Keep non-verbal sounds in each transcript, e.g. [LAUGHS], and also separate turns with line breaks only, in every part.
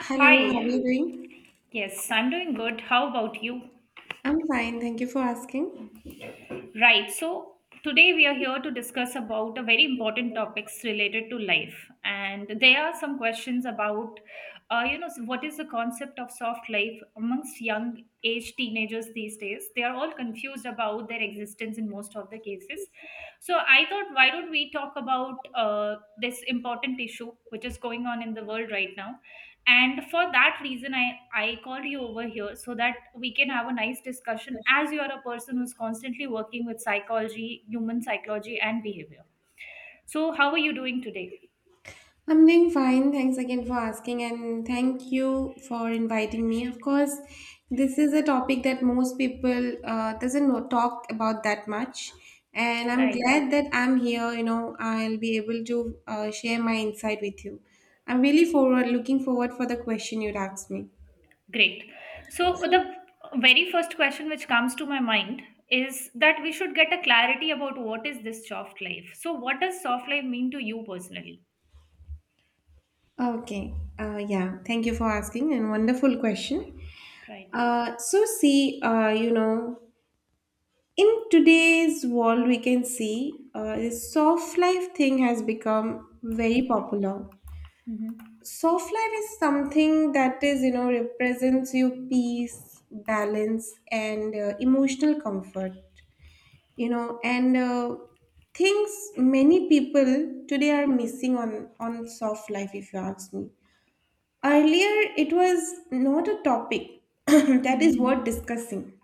Hello, how
Hi,
are you doing?
yes, I'm doing good. How about you?
I'm fine, thank you for asking.
Right, so today we are here to discuss about a very important topics related to life. And there are some questions about, what is the concept of soft life amongst young age teenagers these days? They are all confused about their existence in most of the cases. So I thought, why don't we talk about this important issue which is going on in the world right now? And for that reason I called you over here, so that we can have a nice discussion, as you are a person who's constantly working with psychology, human psychology and behavior. So how are you doing today?
I'm doing fine, thanks again for asking, and thank you for inviting me. Of course, this is a topic that most people doesn't know, talk about that much, and I'm
Right.
glad that I'm here. You know, I'll be able to share my insight with you. I'm really forward looking forward for the question you'd asked me.
Great. So the very first question which comes to my mind is that we should get a clarity about what is this soft life. So what does soft life mean to you personally?
Okay, yeah, thank you for asking, and wonderful question.
Right.
So see. In today's world, we can see this soft life thing has become very popular.
Mm-hmm.
Soft life is something that is represents you peace, balance, and emotional comfort. You know, and things many people today are missing on soft life. If you ask me, earlier it was not a topic [COUGHS] [CLEARS THROAT] that is
Mm-hmm.
worth discussing,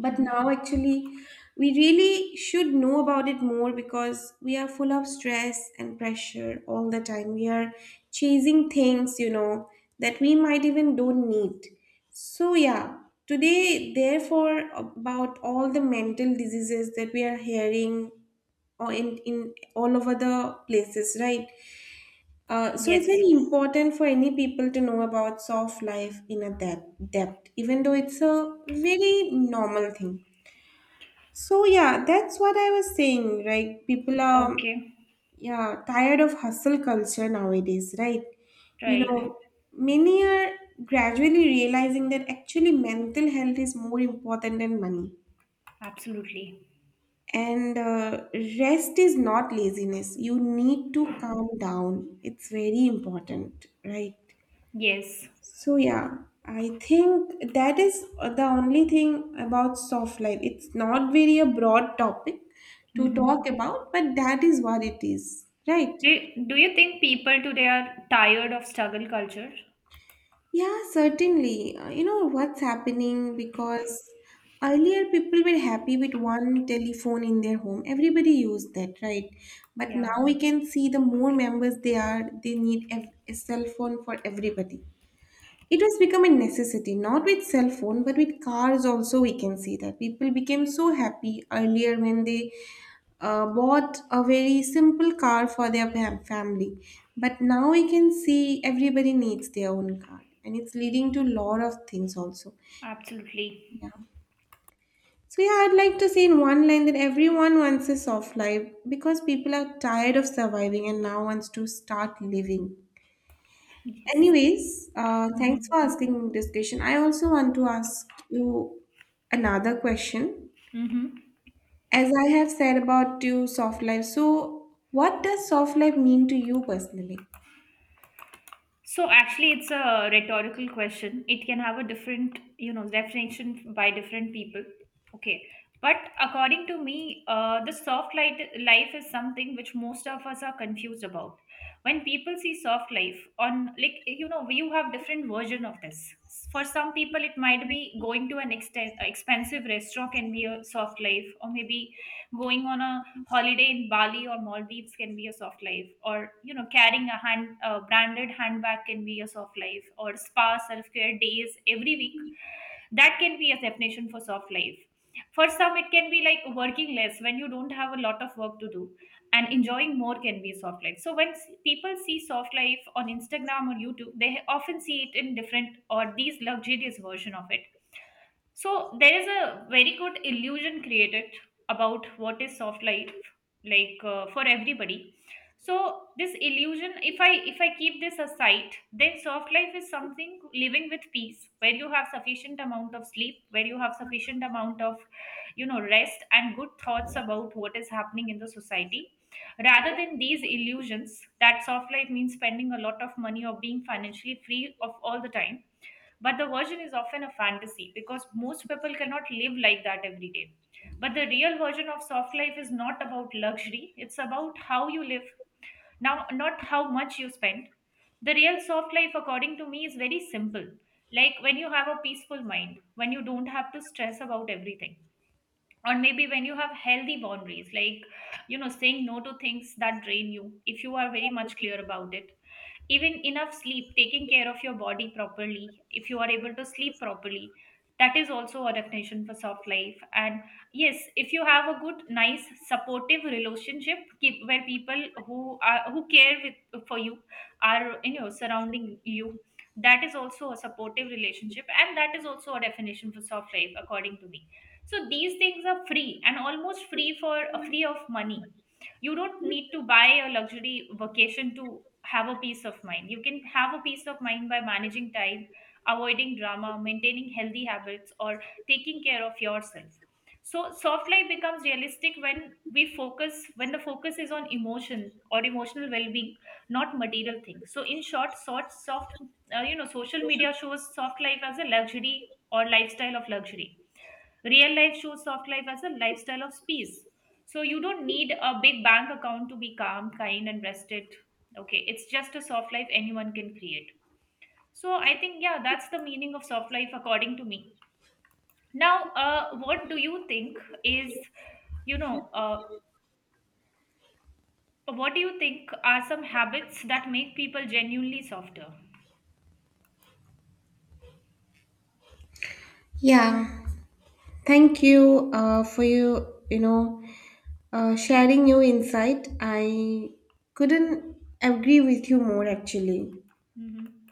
but
Mm-hmm.
now, actually, we really should know about it more because we are full of stress and pressure all the time. We are chasing things that we might even don't need. So, yeah, today, therefore, about all the mental diseases that we are hearing or in all over the places, right? So it's
Yes.
very important for any people to know about soft life in a depth, even though it's a very normal thing. So yeah, that's what I was saying, right? People are,
Okay.
yeah, tired of hustle culture nowadays, right? You
Right.
know, Many are gradually realizing that actually mental health is more important than money.
Absolutely.
And rest is not laziness. You need to calm down. It's very important, right?
Yes.
So yeah, I think that is the only thing about soft life. It's not very a broad topic to
Hmm.
talk about, but that is what it is, right?
Do do you think people today are tired of struggle culture?
Yeah, certainly. You know what's happening, because earlier people were happy with one telephone in their home. Everybody used that, right? But
Yeah,
now we can see the more members they are, they need a cell phone for everybody. It has become a necessity, not with cell phone, but with cars also. We can see that people became so happy earlier when they bought a very simple car for their family. But now we can see everybody needs their own car, and it's leading to lot of things also.
absolutely.
Yeah. So yeah, I'd like to say in one line that everyone wants a soft life because people are tired of surviving and now wants to start living.
Yes.
Anyways, thanks for asking this question. I also want to ask you another question.
Hmm.
As I have said about you, soft life. So, what does soft life mean to you personally?
So actually, it's a rhetorical question. It can have a different, you know, definition by different people. Okay, but according to me, the soft light life is something which most of us are confused about. When people see soft life on, like you know, you have different version of this. For some people, it might be going to an expensive restaurant can be a soft life, or maybe going on a holiday in Bali or Maldives can be a soft life, or you know, carrying a branded handbag can be a soft life, or spa self care days every week. That can be a definition for soft life. For some, it can be like working less when you don't have a lot of work to do, and enjoying more can be soft life. So when people see soft life on Instagram or YouTube, they often see it in different or these luxurious version of it. So there is a very good illusion created about what is soft life, like for everybody. So this illusion, if I keep this aside, then soft life is something living with peace, where you have sufficient amount of sleep, where you have sufficient amount of, you know, rest and good thoughts about what is happening in the society, rather than these illusions that soft life means spending a lot of money or being financially free of all the time. But the version is often a fantasy because most people cannot live like that every day. But the real version of soft life is not about luxury, it's about how you live. Now, not how much you spend. The real soft life, according to me, is very simple. Like when you have a peaceful mind, when you don't have to stress about everything, or maybe when you have healthy boundaries, like you know saying no to things that drain you if you are very much clear about it, even enough sleep, taking care of your body properly, if you are able to sleep properly, that is also a definition for soft life. And yes, if you have a good nice supportive relationship, keep where people who care for you are, you know, surrounding you, that is also a supportive relationship and that is also a definition for soft life according to me. So these things are free and almost free, for free of money. You don't need to buy a luxury vacation to have a peace of mind. You can have a peace of mind by managing time, avoiding drama, maintaining healthy habits, or taking care of yourself. So soft life becomes realistic when we focus, when the focus is on emotion or emotional well-being, not material things. So in short, sort soft, social media shows soft life as a luxury or lifestyle of luxury. Real life shows soft life as a lifestyle of peace. So you don't need a big bank account to be calm, kind, and rested. Okay, it's just a soft life anyone can create. So I think, yeah, that's the meaning of soft life according to me. Now, what do you think is, you know, what do you think are some habits that make people genuinely softer?
Yeah, thank you for you, sharing your insight. I couldn't agree with you more actually.
Mm-hmm.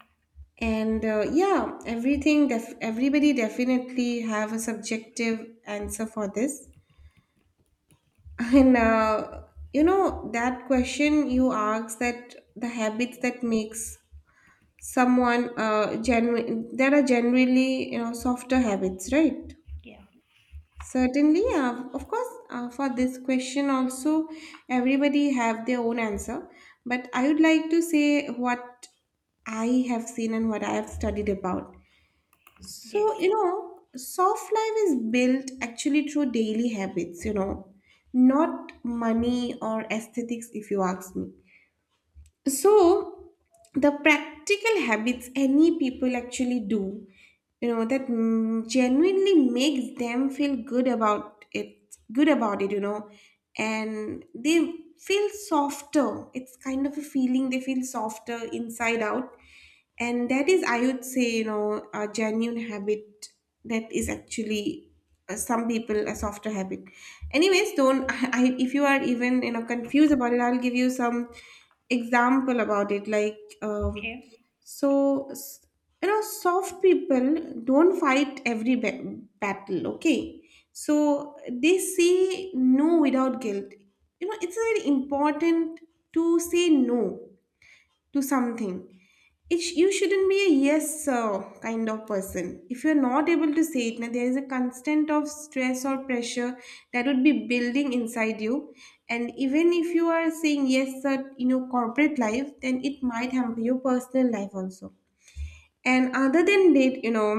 And yeah, everything, everybody definitely have a subjective answer for this. And you know that question you asked, that the habits that makes someone genuine, there are generally softer habits, right?
Yeah.
Certainly, of course, for this question also everybody have their own answer, but I would like to say what I have seen and what I have studied about. So
Yes.
soft life is built actually through daily habits not money or aesthetics, if you ask me. So, the practical habits any people actually do that genuinely makes them feel good about it and they feel softer. It's kind of a feeling they feel softer inside out, and that is, I would say, a genuine habit, that is actually some people a softer habit. Anyways, don't [LAUGHS] if you are even confused about it, I'll give you some example about it.
Okay.
So you know, soft people don't fight every battle. Okay, so they say no without guilt. It's very important to say no to something. You shouldn't be a yes sir kind of person. If you're not able to say it, now there is a constant of stress or pressure that would be building inside you. And even if you are saying yes sir in your corporate life, then it might hamper your personal life also. And other than that,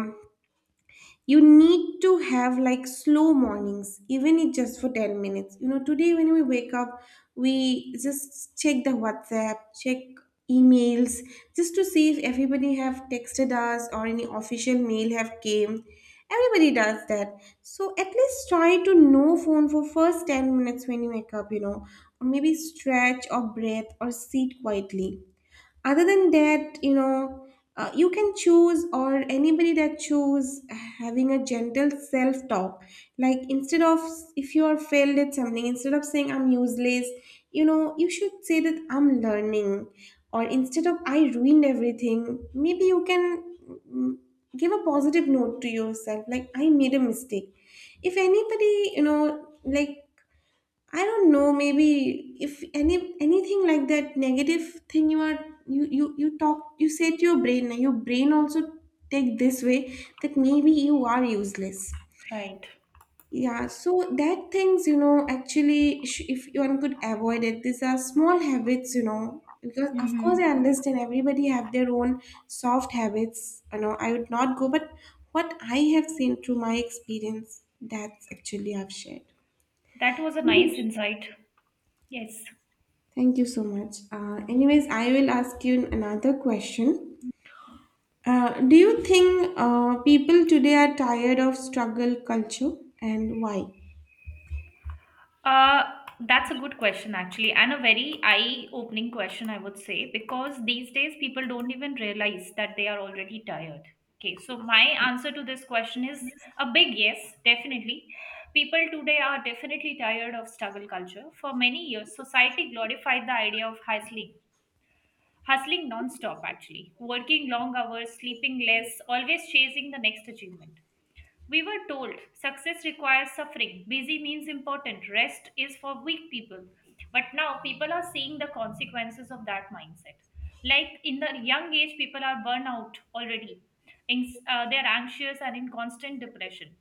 you need to have, like, slow mornings, even if just for 10 minutes. Today, when we wake up, we just check the WhatsApp, check emails, just to see if everybody have texted us or any official mail have came. Everybody does that. So at least try to no phone for first 10 minutes when you wake up or maybe stretch or breathe or sit quietly. Other than that, you can choose, or anybody that choose, having a gentle self talk. Like, instead of, if you are failed at something, instead of saying I'm useless, you should say that I'm learning. Or instead of I ruined everything, maybe you can, mm, give a positive note to yourself, like I made a mistake. If anybody, like, I don't know, maybe if anything like that negative thing you are, you talk, you say to your brain also take this way that maybe you are useless.
Right.
Yeah, so that things, actually if one could avoid it, these are small habits, because of
Mm-hmm.
course I understand everybody have their own soft habits. You know I would not go, but what I have seen through my experience, that's actually I've shared.
That was a nice insight. Yes.
Thank you so much. Anyways, I will ask you another question. Do you think people today are tired of struggle culture, and why?
Uh, that's a good question, actually, and a very eye-opening question, I would say, because these days people don't even realize that they are already tired. Okay, so my answer to this question is a big yes, definitely. People today are definitely tired of struggle culture. For many years, society glorified the idea of hustling, hustling non-stop, actually, working long hours, sleeping less, always chasing the next achievement. We were told success requires suffering, busy means important, rest is for weak people. But now people are seeing the consequences of that mindset. Like in the young age, people are burnout already. They are anxious and in constant depression.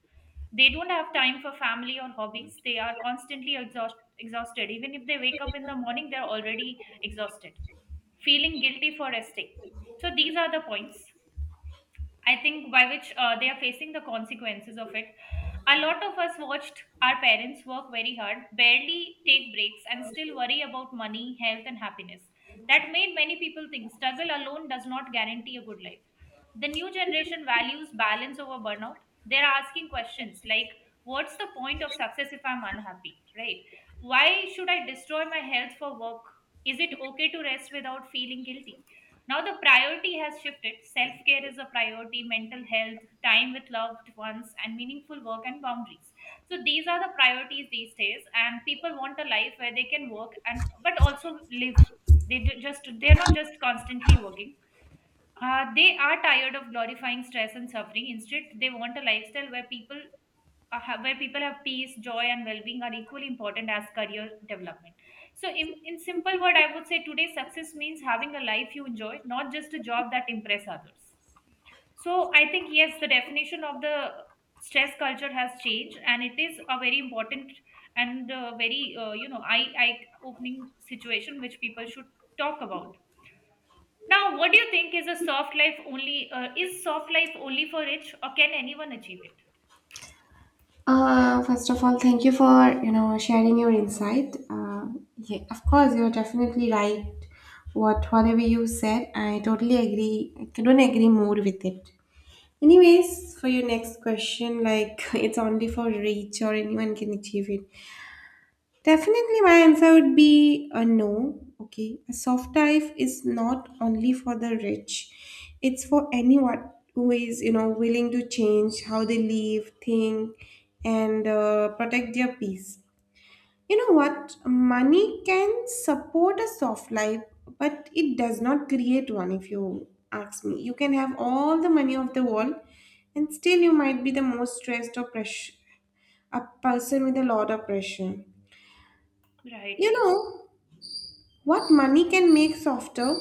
They don't have time for family or hobbies. They are constantly exhausted. Even if they wake up in the morning, they are already exhausted, feeling guilty for resting. So these are the points. I think by which they are facing the consequences of it. A lot of us watched our parents work very hard, barely take breaks, and still worry about money, health, and happiness. That made many people think struggle alone does not guarantee a good life. The new generation values balance over burnout. They're asking questions like, what's the point of success if I'm unhappy? Right? Why should I destroy my health for work? Is it okay to rest without feeling guilty? Now the priority has shifted. Self care is a priority, mental health, time with loved ones, and meaningful work and boundaries. So these are the priorities these days, and people want a life where they can work and but also live. They ju- just they're not just constantly working. They are tired of glorifying stress and suffering. Instead, they want a lifestyle where where people have peace, joy, and well-being are equally important as career development. So, in simple word, I would say today success means having a life you enjoy, not just a job that impress others. So, I think yes, the definition of the stress culture has changed, and it is a very important and very, you know, eye opening situation which people should talk about. Now, what do you think is a soft life only? Is soft life only for rich, or can anyone achieve it?
First of all, thank you for sharing your insight. Yeah, of course, you're definitely right. Whatever you said, I totally agree. I couldn't agree more with it. Anyways, for your next question, like, [LAUGHS] it's only for rich or anyone can achieve it. Definitely, my answer would be a no. Okay, a soft life is not only for the rich, it's for anyone who is willing to change how they live, think, and protect their peace. You know what? Money can support a soft life, but it does not create one, if you ask me. You can have all the money of the world, and still you might be the most stressed or pressure, a person with a lot of pressure.
Right.
You know, what money can make softer?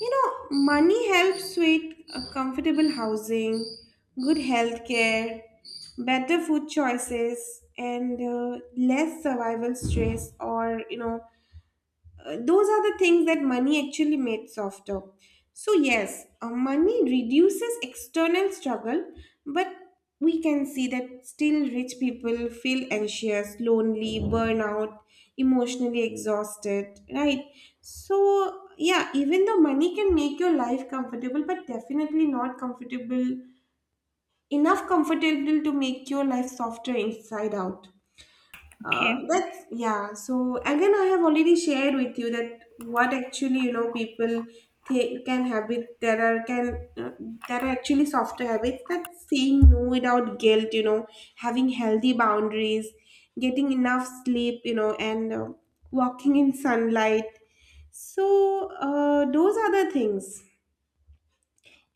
You know, Money helps with comfortable housing, good health care, better food choices, and less survival stress, or those are the things that money actually made softer. So, yes, money reduces external struggle, but we can see that still rich people feel anxious, lonely, burnout, emotionally exhausted, right? So, yeah, even though money can make your life comfortable, but definitely not comfortable, enough comfortable to make your life softer inside out.
Okay.
That's yeah. So again, I have already shared with you that what actually people can habit, there are actually softer habits, that saying no without guilt. Having healthy boundaries, getting enough sleep. You know, and walking in sunlight. So those are the things,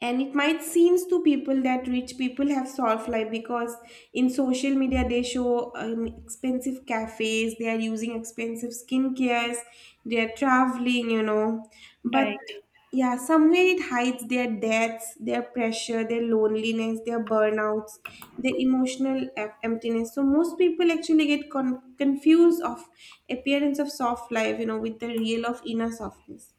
and it might seems to people that rich people have soft life because in social media they show, expensive cafes, they are using expensive skincares, they are traveling, but
Right.
yeah, somewhere it hides their deaths, their pressure, their loneliness, their burnouts, their emotional emptiness. So most people actually get confused of appearance of soft life, with the real of inner softness.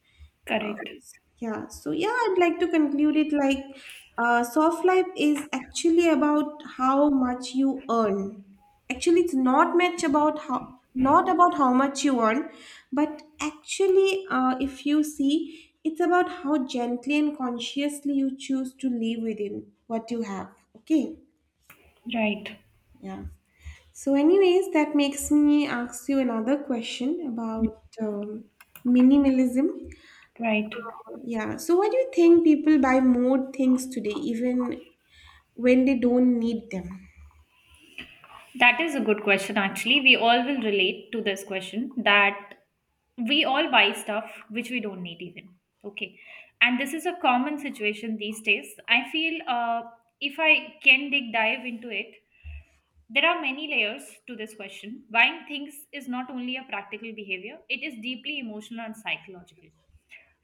uh,
Correct.
yeah, so yeah, I'd like to conclude it like, soft life is actually about how much you earn. Actually, it's not much about how not about how much you earn, but actually, if you see, it's about how gently and consciously you choose to live within what you have. Okay,
Right.
yeah. So, anyways, that makes me ask you another question about minimalism.
Right.
Yeah. So why do you think people buy more things today, even when they don't need them?
That is a good question, actually. We all will relate to this question that we all buy stuff which we don't need, even. Okay. And this is a common situation these days. I feel, if I can dig dive into it, there are many layers to this question. Buying things is not only a practical behavior, it is deeply emotional and psychological.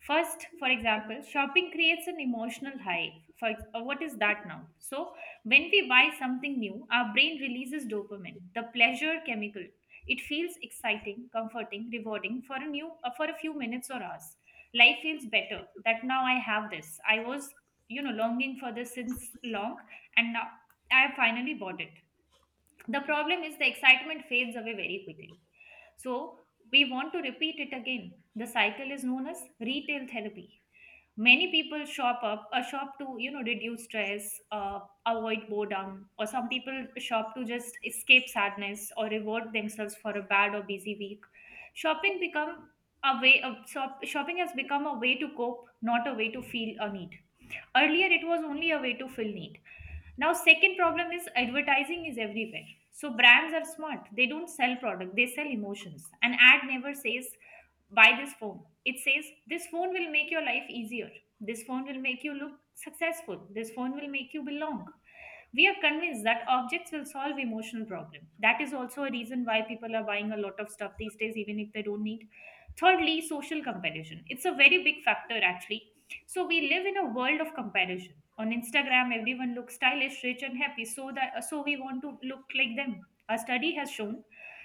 First, for example, shopping creates an emotional high. What is that now? So, when we buy something new, our brain releases dopamine, the pleasure chemical. It feels exciting, comforting, rewarding for a new, for a few minutes or hours. Life feels better that now I have this. I was, you know, longing for this since long, and now I have finally bought it. The problem is the excitement fades away very quickly. So, we want to repeat it again. The cycle is known as retail therapy. Many people shop up a shop to, you know, reduce stress, avoid boredom, or some people shop to just escape sadness or reward themselves for a bad or busy week. Shopping become shopping has become a way to cope, not a way to feel a need. Earlier, it was only a way to fill need. Now, second problem is advertising is everywhere. So brands are smart. They don't sell product, they sell emotions. An ad never says buy this phone, it says this phone will make your life easier, this phone will make you look successful, this phone will make you belong. We are convinced that objects will solve emotional problem. That is also a reason why people are buying a lot of stuff these days even if they don't need. Thirdly, social comparison, it's a very big factor actually. So we live in a world of comparison. On Instagram everyone looks stylish, rich and happy, so that so we want to look like them. A study has shown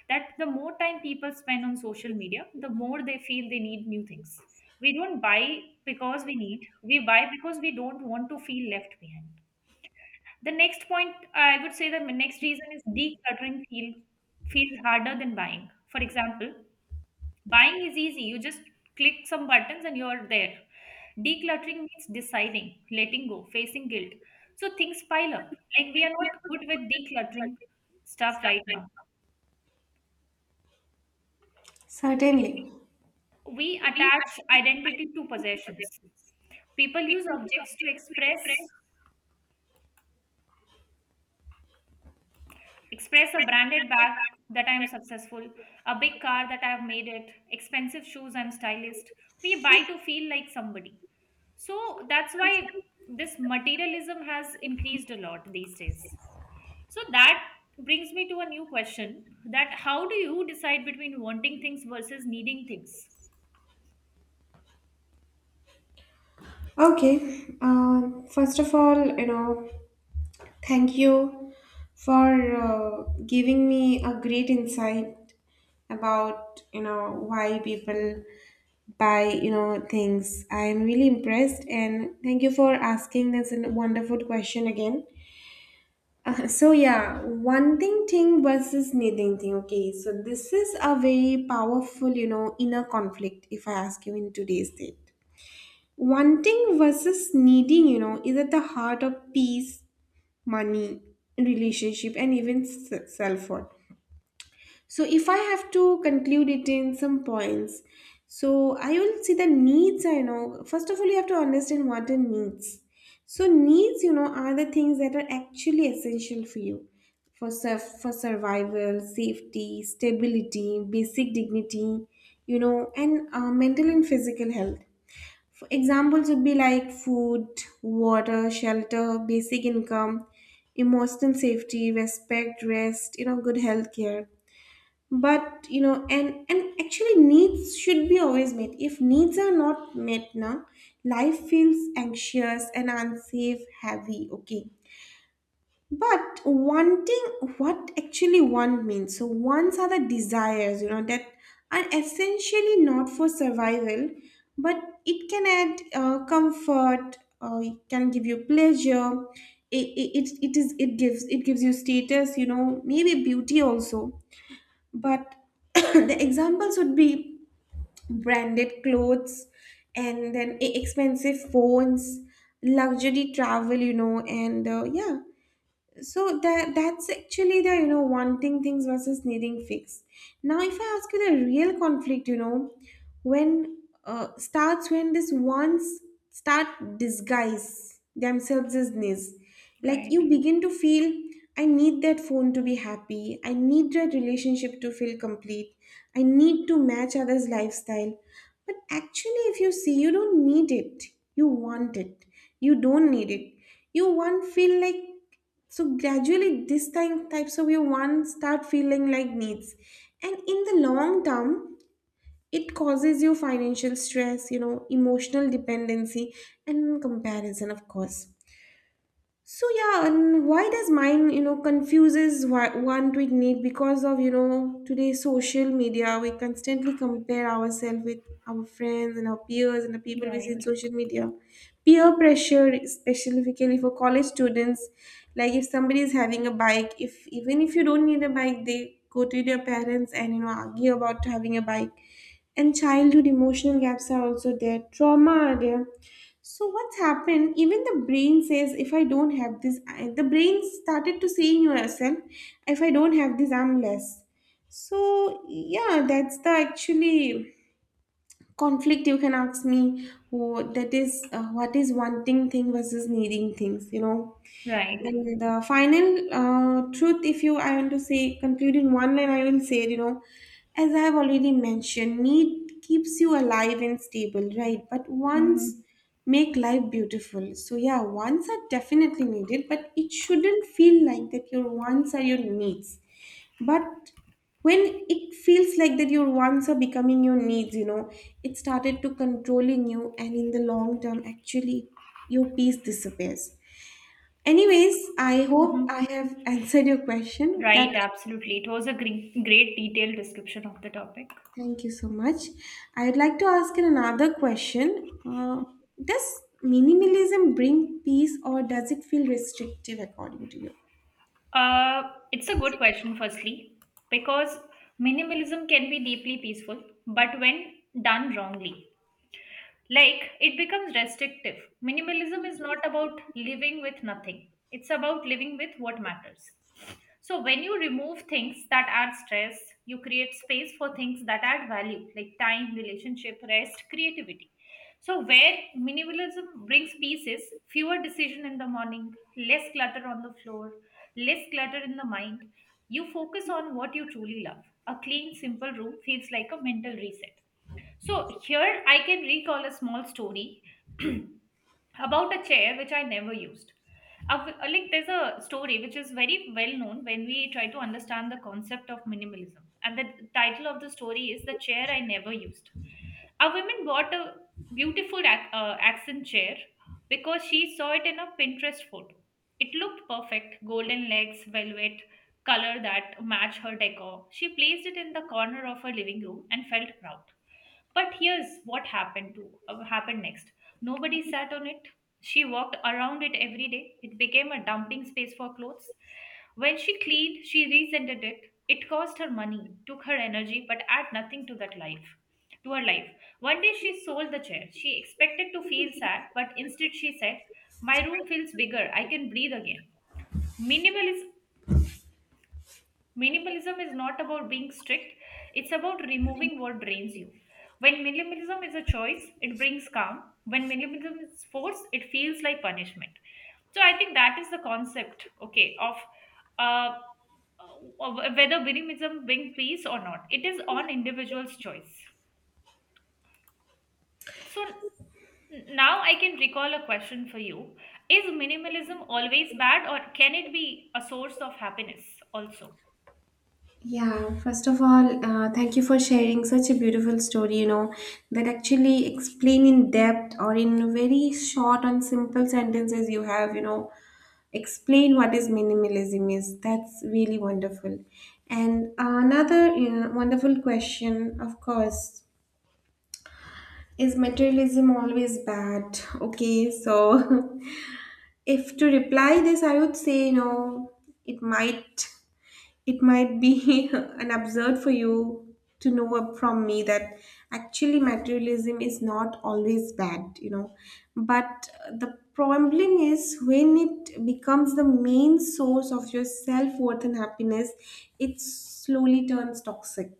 that the more time people spend on social media, the more they feel they need new things. We don't buy because we need, we buy because we don't want to feel left behind. The next point, I would say the next reason is feels harder than buying. For example, buying is easy, you just click some buttons and you're there. Decluttering means deciding, letting go, facing guilt. So things pile up. Like we are not good with decluttering stuff right now.
Certainly.
We attach identity to possessions. People use objects to express a branded bag that I am successful, a big car that I have made it, expensive shoes I'm stylist. We buy to feel like somebody. So that's why this materialism has increased a lot these days. So that brings me to a new question, that how do you decide between wanting things versus needing things?
Okay. First of all, thank you for giving me a great insight about why people buy things. I am really impressed, and thank you for asking this wonderful question again. So yeah, one thing versus needing thing. Okay, so this is a very powerful inner conflict. If I ask you in today's date, wanting versus needing is at the heart of peace, money, relationship, and even self worth. So, if I have to conclude it in some points, so I will see the needs. I know first of all, you have to understand what are needs. So, needs, you know, are the things that are actually essential for you for survival, safety, stability, basic dignity, you know, and mental and physical health. For examples would be like food, water, shelter, basic income, emotional safety, respect, rest, you know, good health care, but you know, and actually needs should be always met. If needs are not met now, life feels anxious and unsafe, heavy. Okay, but wanting, what actually want means? So wants are the desires, you know, that are essentially not for survival, but it can add comfort, it can give you pleasure, it is it gives you status, you know, maybe beauty also. But [COUGHS] [CLEARS THROAT] the examples would be branded clothes, and then expensive phones, luxury travel, you know, and yeah. So that's actually the, you know, wanting things versus needing fix. Now if I ask you the real conflict, you know, when starts when this wants start disguise themselves as needs, like you
Right,
begin to feel I need that phone to be happy, I need that relationship to feel complete, I need to match others lifestyle. But actually, if you see, you don't need it, you want it. You don't need it, you want feel like. So gradually these types of your wants start feeling like needs, and in the long term, it causes you financial stress, you know, emotional dependency, and comparison, of course. So yeah, and why does mind, you know, confuses want with need? Because of, you know, today's social media, we constantly compare ourselves with our friends and our peers and the people we see in
right,
social media. Peer pressure, specifically for college students, like if somebody is having a bike, if even if you don't need a bike, they go to their parents and, you know, argue about having a bike. And childhood emotional gaps are also there. Trauma are there. So what's happened? Even the brain says, if I don't have this, I, the brain started to saying yourself, if I don't have this, I'm less. So yeah, that's the actually conflict. You can ask me, oh, that is what is wanting thing versus needing things, you know.
right.
And the final truth, if you, I want to say, conclude in one line, I will say, you know, as I have already mentioned, need keeps you alive and stable, right? But wants
Mm-hmm.
make life beautiful. So yeah, wants are definitely needed, but it shouldn't feel like that your wants are your needs. But when it feels like that your wants are becoming your needs, you know, it started to controlling you, and in the long term, actually, your peace disappears. Anyways, I
Mm-hmm.
hope I have answered your question. That
Right, absolutely. It was a great, great detailed description of the topic.
thank you so much. I would like to ask you another question. Does minimalism bring peace or does it feel restrictive according to you?
Uh, it's a good question, firstly, because minimalism can be deeply peaceful, but when done wrongly, like it becomes restrictive. Minimalism is not about living with nothing, it's about living with what matters. So when you remove things that add stress, you create space for things that add value, like time, relationship, rest, creativity. So where minimalism brings peace is fewer decision in the morning, less clutter on the floor, less clutter in the mind. You focus on what you truly love. A clean, simple room feels like a mental reset. So here I can recall a small story [CLEARS THROAT] about a chair which I never used. Like there's a story which is very well known when we try to understand the concept of minimalism, and the title of the story is "The Chair I Never Used." A woman bought a beautiful accent chair because she saw it in a Pinterest photo. It looked perfect, golden legs, velvet color that matched her decor. She placed it in the corner of her living room and felt proud. But here's what happened next. Nobody sat on it. She walked around it every day. It became a dumping space for clothes. When she cleaned, she resented it. It cost her money, took her energy, but add nothing to that life. To her life. One day she sold the chair. She expected to feel sad, but instead she said, "My room feels bigger. I can breathe again." Minimalism Minimalism is not about being strict, it's about removing what drains you. When minimalism is a choice, it brings calm. When minimalism is force, it feels like punishment. So I think that is the concept, okay, of uh, whether minimalism brings peace or not. It is on individual's choice. So now I can recall a question for you. Is minimalism always bad, or can it be a source of happiness also?
Yeah, first of all, thank you for sharing such a beautiful story, you know, that actually explain in depth or in very short and simple sentences you have, you know, explain what is minimalism is. That's really wonderful. And another, you know, wonderful question, of course, is materialism always bad? Okay, so [LAUGHS] if to reply this, I would say, you know, it might it might be [LAUGHS] an absurd for you to know up from me that actually materialism is not always bad, you know. But the problem is when it becomes the main source of your self worth and happiness, it slowly turns toxic.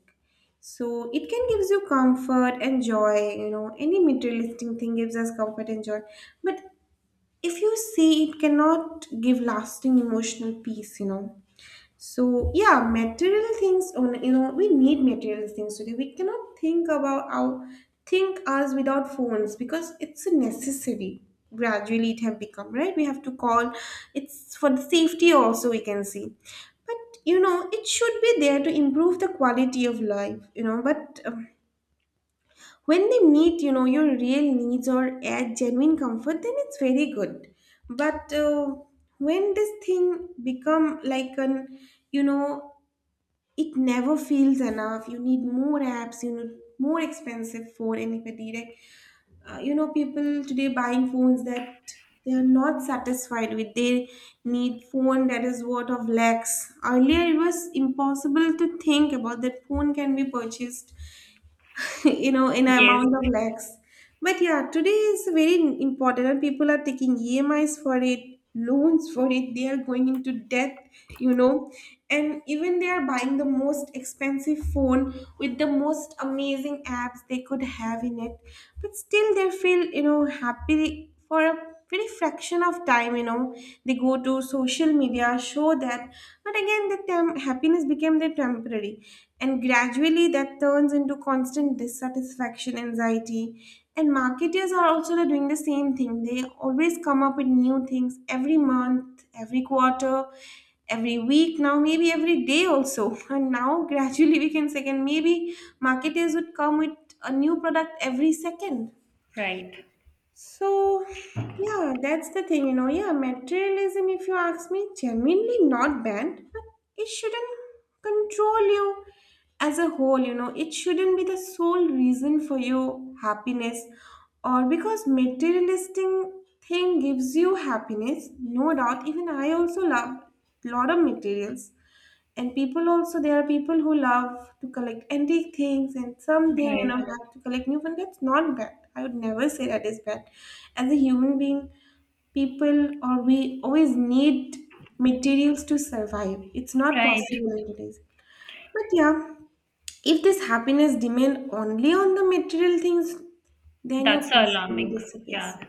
So it can gives you comfort and joy, you know, any materialistic thing gives us comfort and joy. But if you see, it cannot give lasting emotional peace, you know. So yeah, material things. You know, we need material things today. We cannot think about our think us without phones because it's a necessary. Gradually, it have become right. We have to call. It's for the safety also. We can see, but you know, it should be there to improve the quality of life. You know, but when they meet, you know, your real needs or add genuine comfort, then it's very good. But when this thing become like an, you know, it never feels enough. You need more apps, you need more expensive phone. And if a direct, you know, people today buying phones that they are not satisfied with. They need phone that is worth of lakhs. Earlier it was impossible to think about that phone can be purchased, [LAUGHS] you know, in
Yes,
amount of lakhs. But yeah, today is very important, and people are taking EMIs for it, loans for it. They are going into debt, you know, and even they are buying the most expensive phone with the most amazing apps they could have in it. But still, they feel, you know, happy for a very fraction of time, you know. They go to social media show that, but again the happiness became their temporary, and gradually that turns into constant dissatisfaction, anxiety. And marketers are also doing the same thing. They always come up with new things every month, every quarter, every week, now maybe every day also. [LAUGHS] And now gradually we can say, and maybe marketers would come with a new product every second.
right.
So, yeah, that's the thing, you know. Yeah, materialism, if you ask me, genuinely not banned, but it shouldn't control you as a whole, you know. It shouldn't be the sole reason for your happiness, or because materialistic thing gives you happiness, no doubt. Even I also love lot of materials, and people also, there are people who love to collect antique things and something, you
Right.
know, love to collect new one. That's not bad. I would never say that is bad. As a human being, people or we always need materials to survive. It's not
Right.
possible nowadays. But yeah, if this happiness depend only on the material things, then your
That's
personality
alarming.
disappears.
Yeah.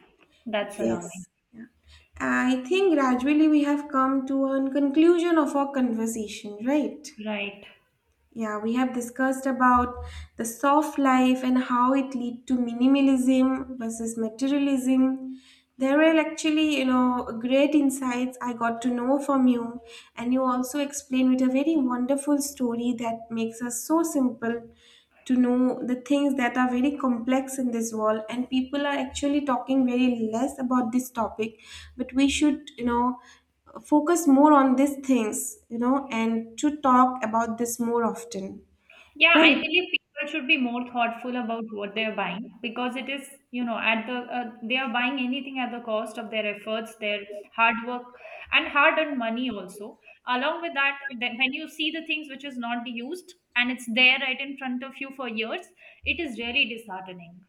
That's
Yes,
alarming.
yeah, I think gradually we have come to a conclusion of our conversation, right?
Right.
Yeah, we have discussed about the soft life and how it lead to minimalism versus materialism. There were actually, you know, great insights I got to know from you, and you also explained with a very wonderful story that makes us so simple to know the things that are very complex in this world and people are actually talking very less about this topic, but we should, you know, focus more on these things, you know, and to talk about this more often.
Yeah, I
Right.
believe people should be more thoughtful about what they're buying, because it is, you know, at they are buying anything at the cost of their efforts, their hard work, and hard-earned money also. Along with that, then when you see the things which is not used and it's there right in front of you for years, it is really disheartening.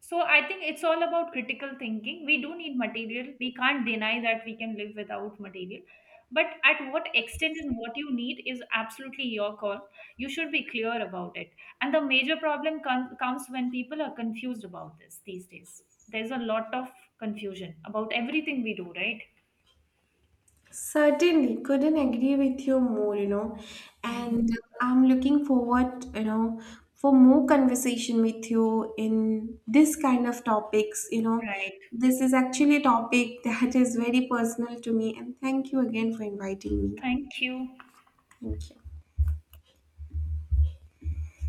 So I think it's all about critical thinking. We do need material. We can't deny that we can live without material. But at what extent and what you need is absolutely your call. You should be clear about it. And the major problem comes when people are confused about this these days. There's a lot of confusion about everything we do, right?
Certainly, couldn't agree with you more, you know.
Hmm.
And I'm looking forward, you know, for more conversation with you in this kind of topics, you know.
Right.
This is actually a topic [LAUGHS] that is very personal to me, and thank you again for inviting me.
Thank you.
Thank you.